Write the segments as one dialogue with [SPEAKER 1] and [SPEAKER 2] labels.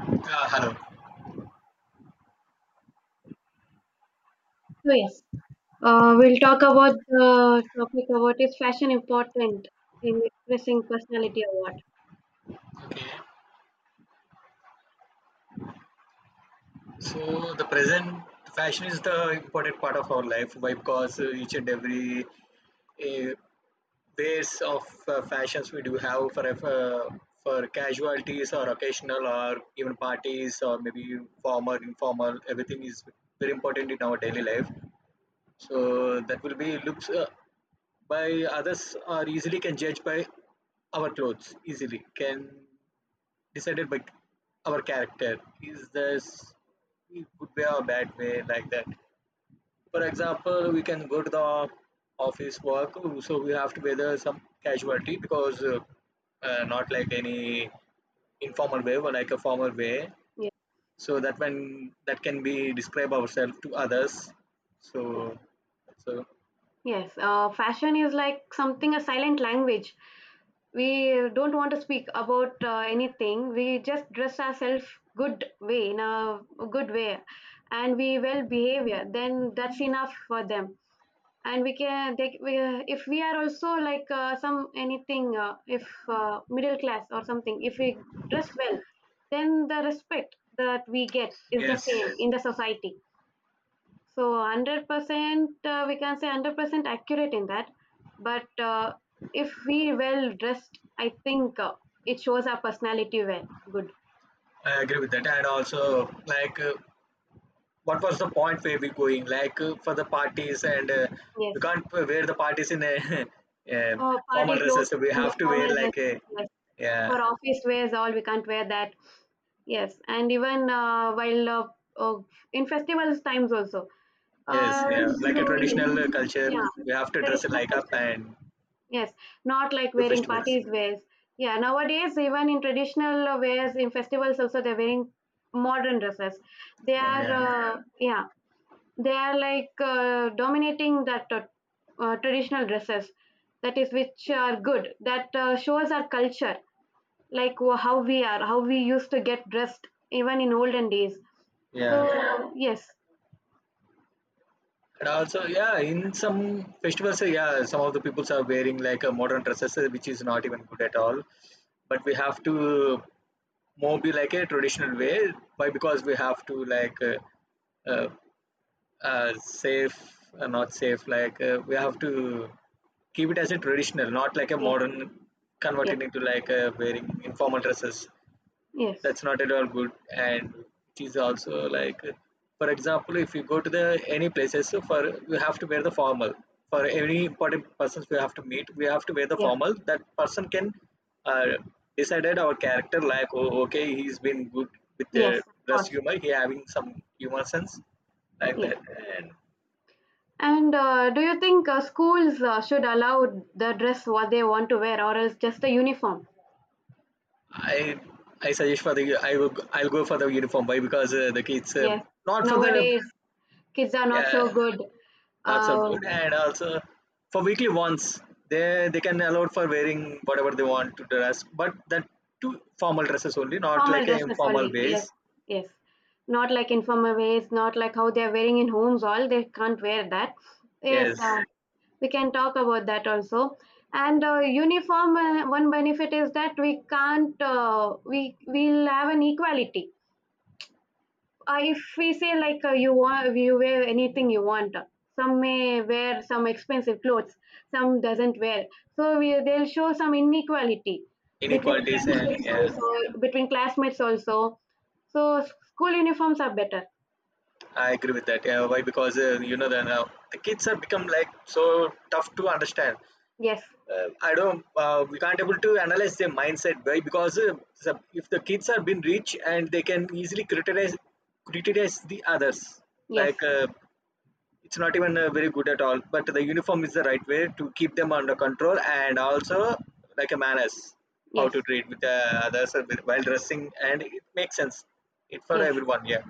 [SPEAKER 1] Hello.
[SPEAKER 2] So yes, we'll talk about the topic about is fashion important in expressing personality or what?
[SPEAKER 1] Okay. So the present fashion is the important part of our life. Why? Because each and every uh, ways of fashions we do have for for casualties or occasional or even parties or maybe formal, informal, everything is very important in our daily life. So that will be looks by others are easily can judge by our clothes, easily can decided by our character. Is this good way or bad way like that? For example, we can go to the office work, so we have to weather some casualty because not like any informal way, but like a formal way.
[SPEAKER 2] Yeah.
[SPEAKER 1] So that when that can be describe ourselves to others.
[SPEAKER 2] Yes,
[SPEAKER 1] So so
[SPEAKER 2] yes. Fashion is like something a silent language. We don't want to speak about anything. We just dress ourselves good way in a good way, and we well behavior. Then that's enough for them. And we can they, we, if we are also like some anything if middle class or something, if we dress well, then the respect that we get is the same
[SPEAKER 1] yes,
[SPEAKER 2] in the society. So 100%, we can say 100% accurate in that. But if we well dressed, I think it shows our personality well good.
[SPEAKER 1] I agree with that, and also like. What was the point where we're going like for the parties and we
[SPEAKER 2] Yes.
[SPEAKER 1] can't wear the parties in a, uh
[SPEAKER 2] Uh,
[SPEAKER 1] formal
[SPEAKER 2] party clothes
[SPEAKER 1] dresses, so we
[SPEAKER 2] and the
[SPEAKER 1] have to wear
[SPEAKER 2] formal
[SPEAKER 1] like
[SPEAKER 2] dresses,
[SPEAKER 1] a,
[SPEAKER 2] yes,
[SPEAKER 1] yeah,
[SPEAKER 2] for office wears all we can't wear that. Yes, and even while uh, in festivals times also.
[SPEAKER 1] yes,
[SPEAKER 2] Uh,
[SPEAKER 1] yeah, like a
[SPEAKER 2] so
[SPEAKER 1] traditional
[SPEAKER 2] yes,
[SPEAKER 1] culture,
[SPEAKER 2] yeah,
[SPEAKER 1] we have to dress it
[SPEAKER 2] traditional
[SPEAKER 1] like up
[SPEAKER 2] culture.
[SPEAKER 1] and
[SPEAKER 2] Yes, not like
[SPEAKER 1] do
[SPEAKER 2] wearing
[SPEAKER 1] festivals.
[SPEAKER 2] parties wears. Yeah, nowadays even in traditional wears in festivals also they're wearing modern dresses. They
[SPEAKER 1] Oh,
[SPEAKER 2] are
[SPEAKER 1] yeah,
[SPEAKER 2] yeah, they are like dominating that traditional dresses. That is which are good. That shows our culture, like how we are, how we used to get dressed even in olden days. So
[SPEAKER 1] yeah,
[SPEAKER 2] yes,
[SPEAKER 1] and also yeah in some festivals, yeah, some of the peoples are wearing like a modern dresses, which is not even good at all, but we have to more be like a traditional way, why, because we have to like uh, safe, not safe, like we have to keep it as a traditional, not like a
[SPEAKER 2] yes,
[SPEAKER 1] modern
[SPEAKER 2] yes,
[SPEAKER 1] converting into like wearing informal dresses. That's
[SPEAKER 2] yes,
[SPEAKER 1] not at all good, and it is also like, for example, if you go to the any places, so for you have to wear the formal, for any important persons we have to meet we have to wear the
[SPEAKER 2] yes,
[SPEAKER 1] formal, that person can uh, decided our character like, oh, okay, he's been good with the
[SPEAKER 2] yes, of
[SPEAKER 1] dress
[SPEAKER 2] course,
[SPEAKER 1] humor, he having some humor sense, like
[SPEAKER 2] yes.
[SPEAKER 1] that. And
[SPEAKER 2] And do you think schools should allow the dress what they want to wear, or else just a uniform?
[SPEAKER 1] I I suggest for the, I'll go for the uniform, why, because the kids,
[SPEAKER 2] Yes,
[SPEAKER 1] not for the,
[SPEAKER 2] nowadays kids are not
[SPEAKER 1] yeah,
[SPEAKER 2] so good.
[SPEAKER 1] not so
[SPEAKER 2] Uh,
[SPEAKER 1] good, and also for weekly ones they can allow for wearing whatever they want to dress, but that two formal dresses only, not
[SPEAKER 2] formal
[SPEAKER 1] like a
[SPEAKER 2] dresses
[SPEAKER 1] informal
[SPEAKER 2] only,
[SPEAKER 1] ways.
[SPEAKER 2] yes, yes, not like informal ways, not like how they are wearing in homes all they can't wear that. Yes.
[SPEAKER 1] Yes,
[SPEAKER 2] Uh, we can talk about that also. And uniform, one benefit is that we can't, we will have an equality. If we say like, you want you wear anything you want, some may wear some expensive clothes, some doesn't wear, so we, they'll show some inequality between
[SPEAKER 1] inequalities and
[SPEAKER 2] friendships
[SPEAKER 1] yeah,
[SPEAKER 2] also, between classmates also. So school uniforms are better.
[SPEAKER 1] I agree with that. Yeah, why, because the now the kids have become like so tough to understand.
[SPEAKER 2] Yes,
[SPEAKER 1] I don't. We can't able to analyze their mindset, why, because if the kids are being rich and they can easily criticize the others.
[SPEAKER 2] yes,
[SPEAKER 1] Like, it's not even very good at all. But the uniform is the right way to keep them under control, and also like a manners, how to
[SPEAKER 2] yes,
[SPEAKER 1] treat with the others and while dressing, and it makes sense. It for
[SPEAKER 2] yes.
[SPEAKER 1] everyone. Yeah.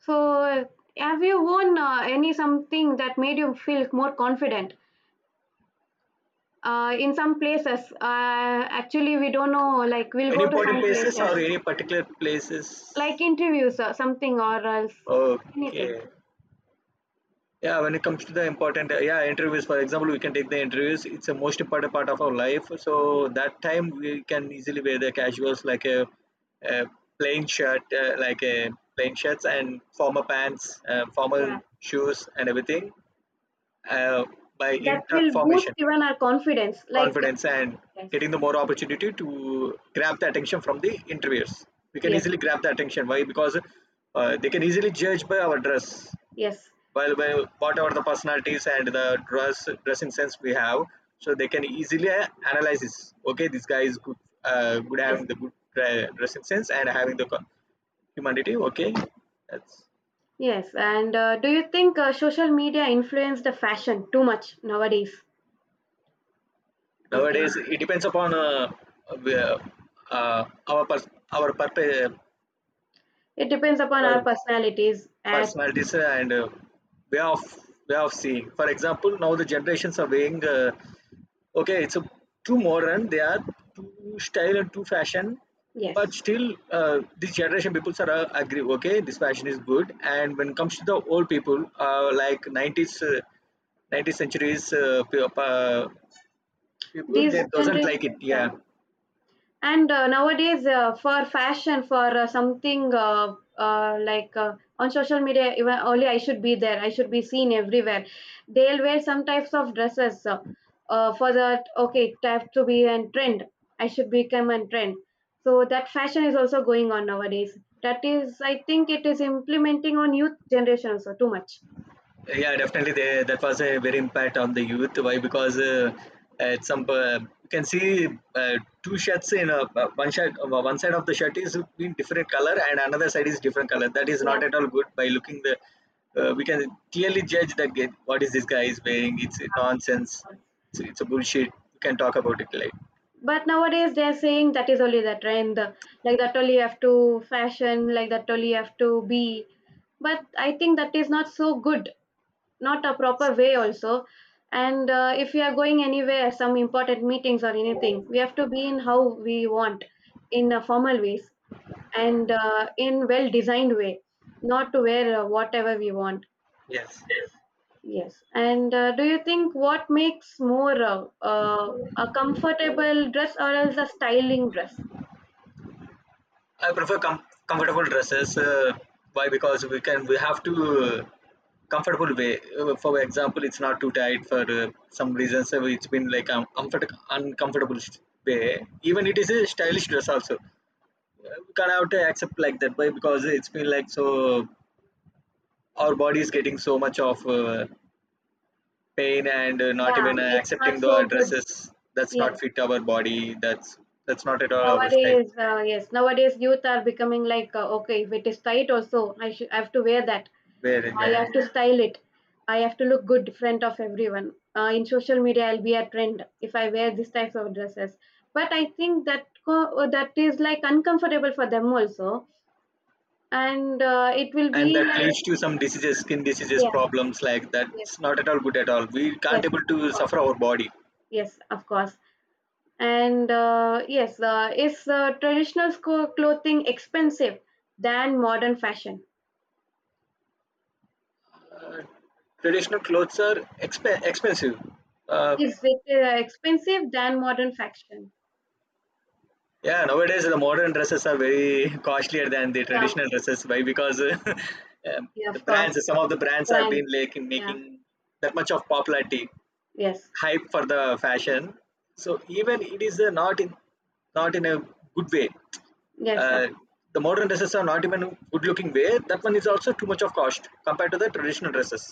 [SPEAKER 2] So, have you worn any something that made you feel more confident? In some places, actually, we don't know. Like, we'll
[SPEAKER 1] Any
[SPEAKER 2] go to
[SPEAKER 1] important
[SPEAKER 2] some
[SPEAKER 1] places
[SPEAKER 2] places,
[SPEAKER 1] or any particular
[SPEAKER 2] like
[SPEAKER 1] places?
[SPEAKER 2] interviews or something, or else anything.
[SPEAKER 1] Okay. Yeah, when it comes to the important, yeah, interviews, for example, we can take the interviews. It's the most important part of our life. So that time we can easily wear the casuals like a plain shirt, like a plain shirts and formal pants, formal
[SPEAKER 2] Yeah,
[SPEAKER 1] shoes and everything, uh, by
[SPEAKER 2] that
[SPEAKER 1] in tuck
[SPEAKER 2] will boost
[SPEAKER 1] formation,
[SPEAKER 2] even our confidence. Like,
[SPEAKER 1] confidence and
[SPEAKER 2] yes,
[SPEAKER 1] getting the more opportunity to grab the attention from the interviewers. We can
[SPEAKER 2] yes,
[SPEAKER 1] easily grab the attention. Why? Because they can easily judge by our dress,
[SPEAKER 2] yes,
[SPEAKER 1] well whatever the personalities and the dressing sense we have, so they can easily analyze this, okay, this guy is good, good,
[SPEAKER 2] yes,
[SPEAKER 1] having the good dressing sense and having the humanity, okay, that's
[SPEAKER 2] yes. And do you think social media influenced the fashion too much nowadays? I think
[SPEAKER 1] nowadays. It depends upon uh, our purpose,
[SPEAKER 2] it depends upon
[SPEAKER 1] our
[SPEAKER 2] our personalities. As
[SPEAKER 1] personalities and way of way of seeing. For example, now the generations are weighing, okay, it's a too modern, they are too style and too fashion, but
[SPEAKER 2] yes,
[SPEAKER 1] still this generation people are agree, okay, this fashion is good, and when it comes to the old people, like 90s, 90th centuries, people,
[SPEAKER 2] these
[SPEAKER 1] they doesn't
[SPEAKER 2] generation,
[SPEAKER 1] like it, yeah.
[SPEAKER 2] yeah. And nowadays, for fashion, for something like on social media, even only I should be there. I should be seen everywhere. They'll wear some types of dresses for that. Okay, it have to be a trend. I should become a trend. So that fashion is also going on nowadays. That is, I think, it is implementing on youth generation also too much.
[SPEAKER 1] Yeah, definitely. They, that was a very impact on the youth. Why? Because at some, you can see uh, two shirts in a, one shirt. One side of the shirt is in different color, and another side is different color. That is
[SPEAKER 2] Yes.
[SPEAKER 1] not at all good. By looking the, we can clearly judge that, what is this guy is wearing. It's nonsense. It's a bullshit. We can talk about it later.
[SPEAKER 2] But nowadays they're saying that is only the trend, like that only you have to fashion, like that only you have to be. But I think that is not so good, not a proper way also. And if we are going anywhere, some important meetings or anything, we have to be in how we want, in a formal ways and in well designed way, not to wear whatever we want.
[SPEAKER 1] Yes.
[SPEAKER 2] Yes. And do you think what makes more a comfortable dress or else a styling dress?
[SPEAKER 1] I prefer comfortable dresses. Why? Because we have to uh, comfortable way. For example, it's not too tight. For some reasons, it's been like comfort uncomfortable way. Even it is a stylish dress also. We can't have to accept like that way, because it's been like so. Our body is getting so much of pain, and not
[SPEAKER 2] Yeah,
[SPEAKER 1] even
[SPEAKER 2] it's not
[SPEAKER 1] accepting the
[SPEAKER 2] so good.
[SPEAKER 1] dresses. That's
[SPEAKER 2] Yes,
[SPEAKER 1] not fit our body. That's not at all our style.
[SPEAKER 2] yes, nowadays youth are becoming like, okay, if it is tight also, I have to wear that.
[SPEAKER 1] Where,
[SPEAKER 2] I
[SPEAKER 1] yeah.
[SPEAKER 2] have to style it. I have to look good in front of everyone. In social media, I'll be a trend if I wear these types of dresses. But I think that that is like uncomfortable for them also, and it will
[SPEAKER 1] And
[SPEAKER 2] be
[SPEAKER 1] that
[SPEAKER 2] like,
[SPEAKER 1] leads to some diseases, skin diseases
[SPEAKER 2] yeah,
[SPEAKER 1] problems, like
[SPEAKER 2] yes,
[SPEAKER 1] that's not at all good at all, we
[SPEAKER 2] yes,
[SPEAKER 1] can't able
[SPEAKER 2] of
[SPEAKER 1] to
[SPEAKER 2] course,
[SPEAKER 1] suffer our body.
[SPEAKER 2] yes, of course. And yes, is traditional clothing expensive than modern fashion?
[SPEAKER 1] Traditional clothes are expensive, uh,
[SPEAKER 2] Is it expensive than modern fashion?
[SPEAKER 1] yeah, nowadays the modern dresses are very costlier than the
[SPEAKER 2] Yeah,
[SPEAKER 1] traditional dresses, why, because
[SPEAKER 2] yeah,
[SPEAKER 1] the
[SPEAKER 2] of course.
[SPEAKER 1] brands some of the brands have
[SPEAKER 2] Brands,
[SPEAKER 1] been like
[SPEAKER 2] yeah,
[SPEAKER 1] making that much of popularity,
[SPEAKER 2] yes,
[SPEAKER 1] hype for the fashion, so even it is not in a good way.
[SPEAKER 2] yes, of,
[SPEAKER 1] Uh, the modern dresses are not even good looking wear. That one is
[SPEAKER 2] yes,
[SPEAKER 1] also too much of cost compared to the traditional dresses.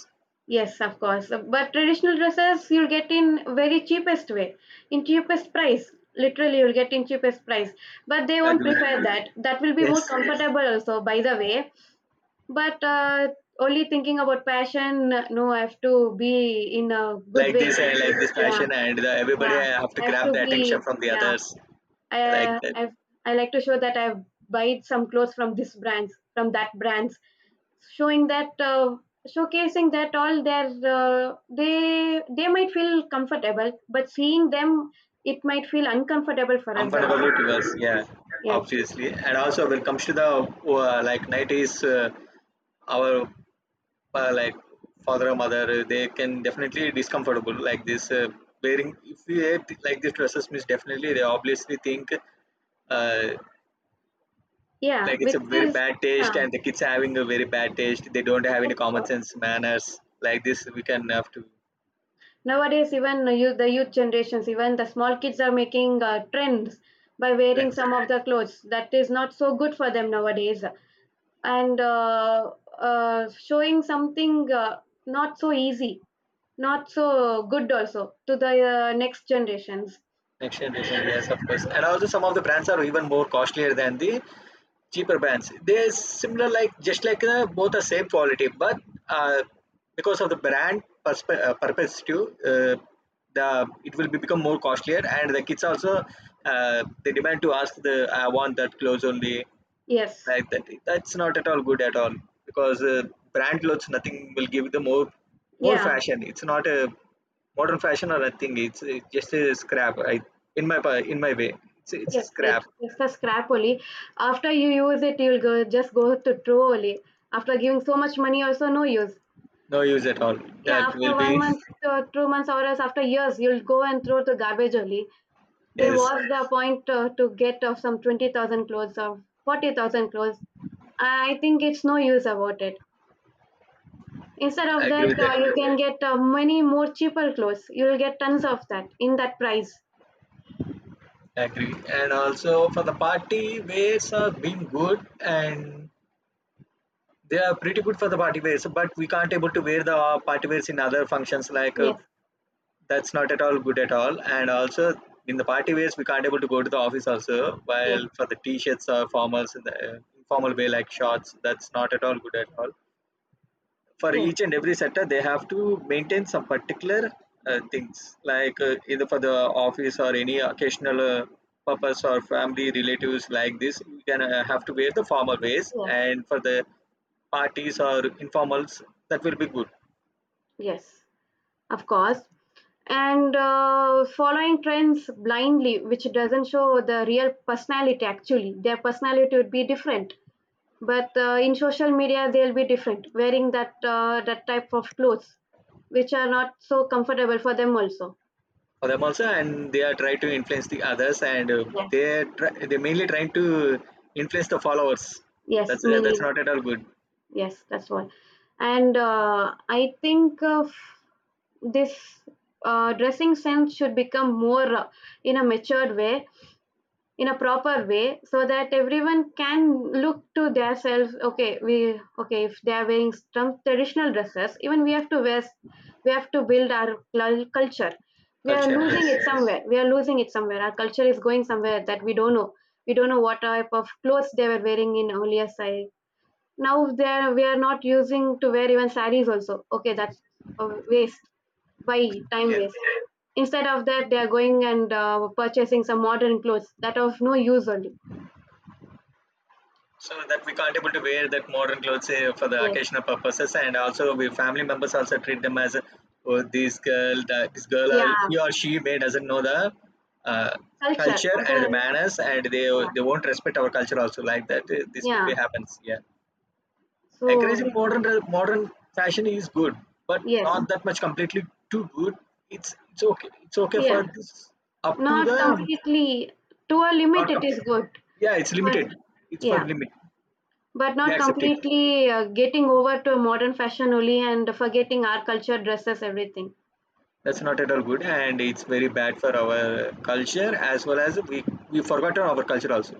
[SPEAKER 2] yes, of course. But traditional dresses you'll get in very cheapest way, in cheapest price. Literally, you'll get in cheapest price. But they
[SPEAKER 1] I
[SPEAKER 2] won't
[SPEAKER 1] agree with you.
[SPEAKER 2] prefer that. That will be more
[SPEAKER 1] Yes,
[SPEAKER 2] comfortable also, by the way. But only thinking about passion, no, I have to be in a good
[SPEAKER 1] like
[SPEAKER 2] way.
[SPEAKER 1] this, I like this
[SPEAKER 2] Yeah,
[SPEAKER 1] fashion, and the, everybody
[SPEAKER 2] yeah.
[SPEAKER 1] I have to
[SPEAKER 2] I have
[SPEAKER 1] grab
[SPEAKER 2] to
[SPEAKER 1] the attention
[SPEAKER 2] be,
[SPEAKER 1] from the
[SPEAKER 2] yeah.
[SPEAKER 1] others. Like
[SPEAKER 2] I,
[SPEAKER 1] that,
[SPEAKER 2] I, I like to show that I've bought some clothes from this brands, from that brands, showing that, showcasing that all their, they might feel comfortable, but seeing them, it might feel uncomfortable for
[SPEAKER 1] I'm
[SPEAKER 2] us
[SPEAKER 1] gonna go
[SPEAKER 2] also.
[SPEAKER 1] blue towards, yeah,
[SPEAKER 2] Yes,
[SPEAKER 1] obviously. And also when it comes to the, like 90s, our like father or mother, they can definitely discomfortable like this. Wearing, if we wear like these dresses means definitely they obviously think, uh,
[SPEAKER 2] yeah,
[SPEAKER 1] like it's
[SPEAKER 2] which
[SPEAKER 1] a very
[SPEAKER 2] is,
[SPEAKER 1] bad
[SPEAKER 2] yeah,
[SPEAKER 1] taste, and the kids having a very bad taste. They don't have any common
[SPEAKER 2] that's
[SPEAKER 1] sense manners like this. We can have to
[SPEAKER 2] nowadays, even the youth, generations, even the small kids are making trends by wearing
[SPEAKER 1] next
[SPEAKER 2] some of the clothes that is not so good for them nowadays, and showing something not so easy, not so good also to the next generations.
[SPEAKER 1] next generation. Yes, of course. And also some of the brands are even more costlier than the cheaper brands. They're similar, like just like, both are same quality, but uh, because of the brand purpose too, the it will be become more costlier, and the kids also, they demand to ask, the I want that clothes only,
[SPEAKER 2] Yes,
[SPEAKER 1] like that. That's not at all good at all, because brand clothes, nothing will give the more
[SPEAKER 2] yeah,
[SPEAKER 1] fashion. It's not a modern fashion or nothing. It's just a scrap. I in my pa- In my way, it's a
[SPEAKER 2] yes. Wait,
[SPEAKER 1] scrap.
[SPEAKER 2] just a scrap only. After you use it, you'll go just go to throw only. After giving so much money, also no use.
[SPEAKER 1] No use at all.
[SPEAKER 2] Yeah,
[SPEAKER 1] That will
[SPEAKER 2] after one
[SPEAKER 1] be
[SPEAKER 2] month, two months, or else after years, you'll go and throw the garbage only. Then
[SPEAKER 1] yes.
[SPEAKER 2] what's the point to get of some 20,000 clothes or 40,000 clothes? I think it's no use about it. Instead of
[SPEAKER 1] I agree
[SPEAKER 2] that,
[SPEAKER 1] with that.
[SPEAKER 2] you can get many more cheaper clothes. You'll get tons of that in that price.
[SPEAKER 1] I agree. And also for the party wears are being good, and they are pretty good for the party wears, but we can't able to wear the party wears in other functions, like.
[SPEAKER 2] Yes,
[SPEAKER 1] That's not at all good at all, and also in the party ways we can't able to go to the office also,
[SPEAKER 2] yes,
[SPEAKER 1] while for the t-shirts or formals in the informal way like shorts, that's not at all good at all. For
[SPEAKER 2] yes,
[SPEAKER 1] each and every sector they have to maintain some particular things, like either for the office or any occasional purpose or family relatives, like this you can have to wear the formal ways,
[SPEAKER 2] yes,
[SPEAKER 1] and for the parties or informals, that will be good
[SPEAKER 2] yes, of course. And following trends blindly, which doesn't show the real personality actually, their personality would be different. But in social media they'll be different wearing that that type of clothes which are not so comfortable for them also.
[SPEAKER 1] for them also. And they are trying to influence the others, and
[SPEAKER 2] Yes.
[SPEAKER 1] they mainly trying to influence the followers,
[SPEAKER 2] Yes,
[SPEAKER 1] that's
[SPEAKER 2] me
[SPEAKER 1] uh, that's
[SPEAKER 2] neither.
[SPEAKER 1] not at all good.
[SPEAKER 2] Yes, that's one. And I think of this dressing sense should become more in a matured way, in a proper way, so that everyone can look to their themselves. Okay, we, okay, if they are wearing some traditional dresses, even we have to wear, we have to build our culture. We are
[SPEAKER 1] Culture, yes,
[SPEAKER 2] losing it somewhere, we are losing it somewhere. Our culture is going somewhere that we don't know. We don't know what type of clothes they were wearing in earlier side. Now they are, we are not using to wear even saris also. Okay, that's a waste. Why time
[SPEAKER 1] yeah,
[SPEAKER 2] waste? Instead of that they are going and purchasing some modern clothes that are of no use only.
[SPEAKER 1] so that we can't able to wear that modern clothes for the
[SPEAKER 2] Yes.
[SPEAKER 1] occasional purposes, and also we family members also treat them as, oh, this girl or
[SPEAKER 2] Yeah.
[SPEAKER 1] he or she may doesn't know the, uh,
[SPEAKER 2] Culture.
[SPEAKER 1] culture
[SPEAKER 2] Or
[SPEAKER 1] and the
[SPEAKER 2] the,
[SPEAKER 1] manners, and they
[SPEAKER 2] yeah.
[SPEAKER 1] they won't respect our culture also, like that, this will be
[SPEAKER 2] Yeah.
[SPEAKER 1] happens, yeah.
[SPEAKER 2] So,
[SPEAKER 1] Encouraging modern fashion is good, but
[SPEAKER 2] yes.
[SPEAKER 1] not that much completely too good. It's okay. It's okay
[SPEAKER 2] Yeah.
[SPEAKER 1] for this, up to
[SPEAKER 2] Not
[SPEAKER 1] the,
[SPEAKER 2] completely. To a limit,
[SPEAKER 1] not
[SPEAKER 2] it is
[SPEAKER 1] complete.
[SPEAKER 2] good.
[SPEAKER 1] Yeah, it's
[SPEAKER 2] But,
[SPEAKER 1] limited. It's for
[SPEAKER 2] yeah.
[SPEAKER 1] limit.
[SPEAKER 2] But
[SPEAKER 1] We
[SPEAKER 2] not
[SPEAKER 1] accept it.
[SPEAKER 2] completely getting over to modern fashion only and forgetting our culture, dresses, everything.
[SPEAKER 1] That's not at all good, and it's very bad for our culture, as well as we forgotten our culture also.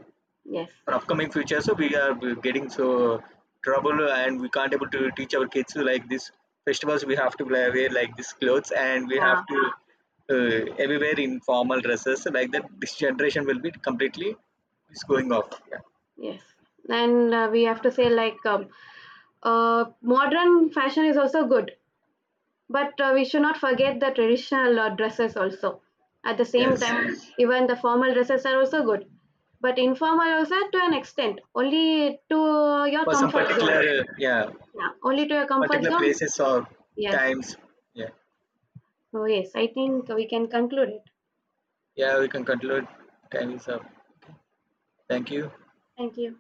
[SPEAKER 2] Yes.
[SPEAKER 1] For upcoming future, so we are getting so trouble, and we can't able to teach our kids, like this festivals we have to wear like this clothes, and we have
[SPEAKER 2] Yeah.
[SPEAKER 1] to everywhere in formal dresses, like that this generation will be completely is going off, yeah.
[SPEAKER 2] Yes. And we have to say, like, modern fashion is also good. But we should not forget the traditional dresses also. At the same
[SPEAKER 1] Yes,
[SPEAKER 2] time, even the formal dresses are also good, but informal also to an extent, only to your
[SPEAKER 1] for some
[SPEAKER 2] comfort zone.
[SPEAKER 1] particular, yeah,
[SPEAKER 2] Yeah, only to your comfort
[SPEAKER 1] particular
[SPEAKER 2] zone.
[SPEAKER 1] places or
[SPEAKER 2] Yes.
[SPEAKER 1] times, yeah,
[SPEAKER 2] So yes, I think we can conclude it.
[SPEAKER 1] yeah, we can conclude, time is up. Okay. Thank you.
[SPEAKER 2] Thank you.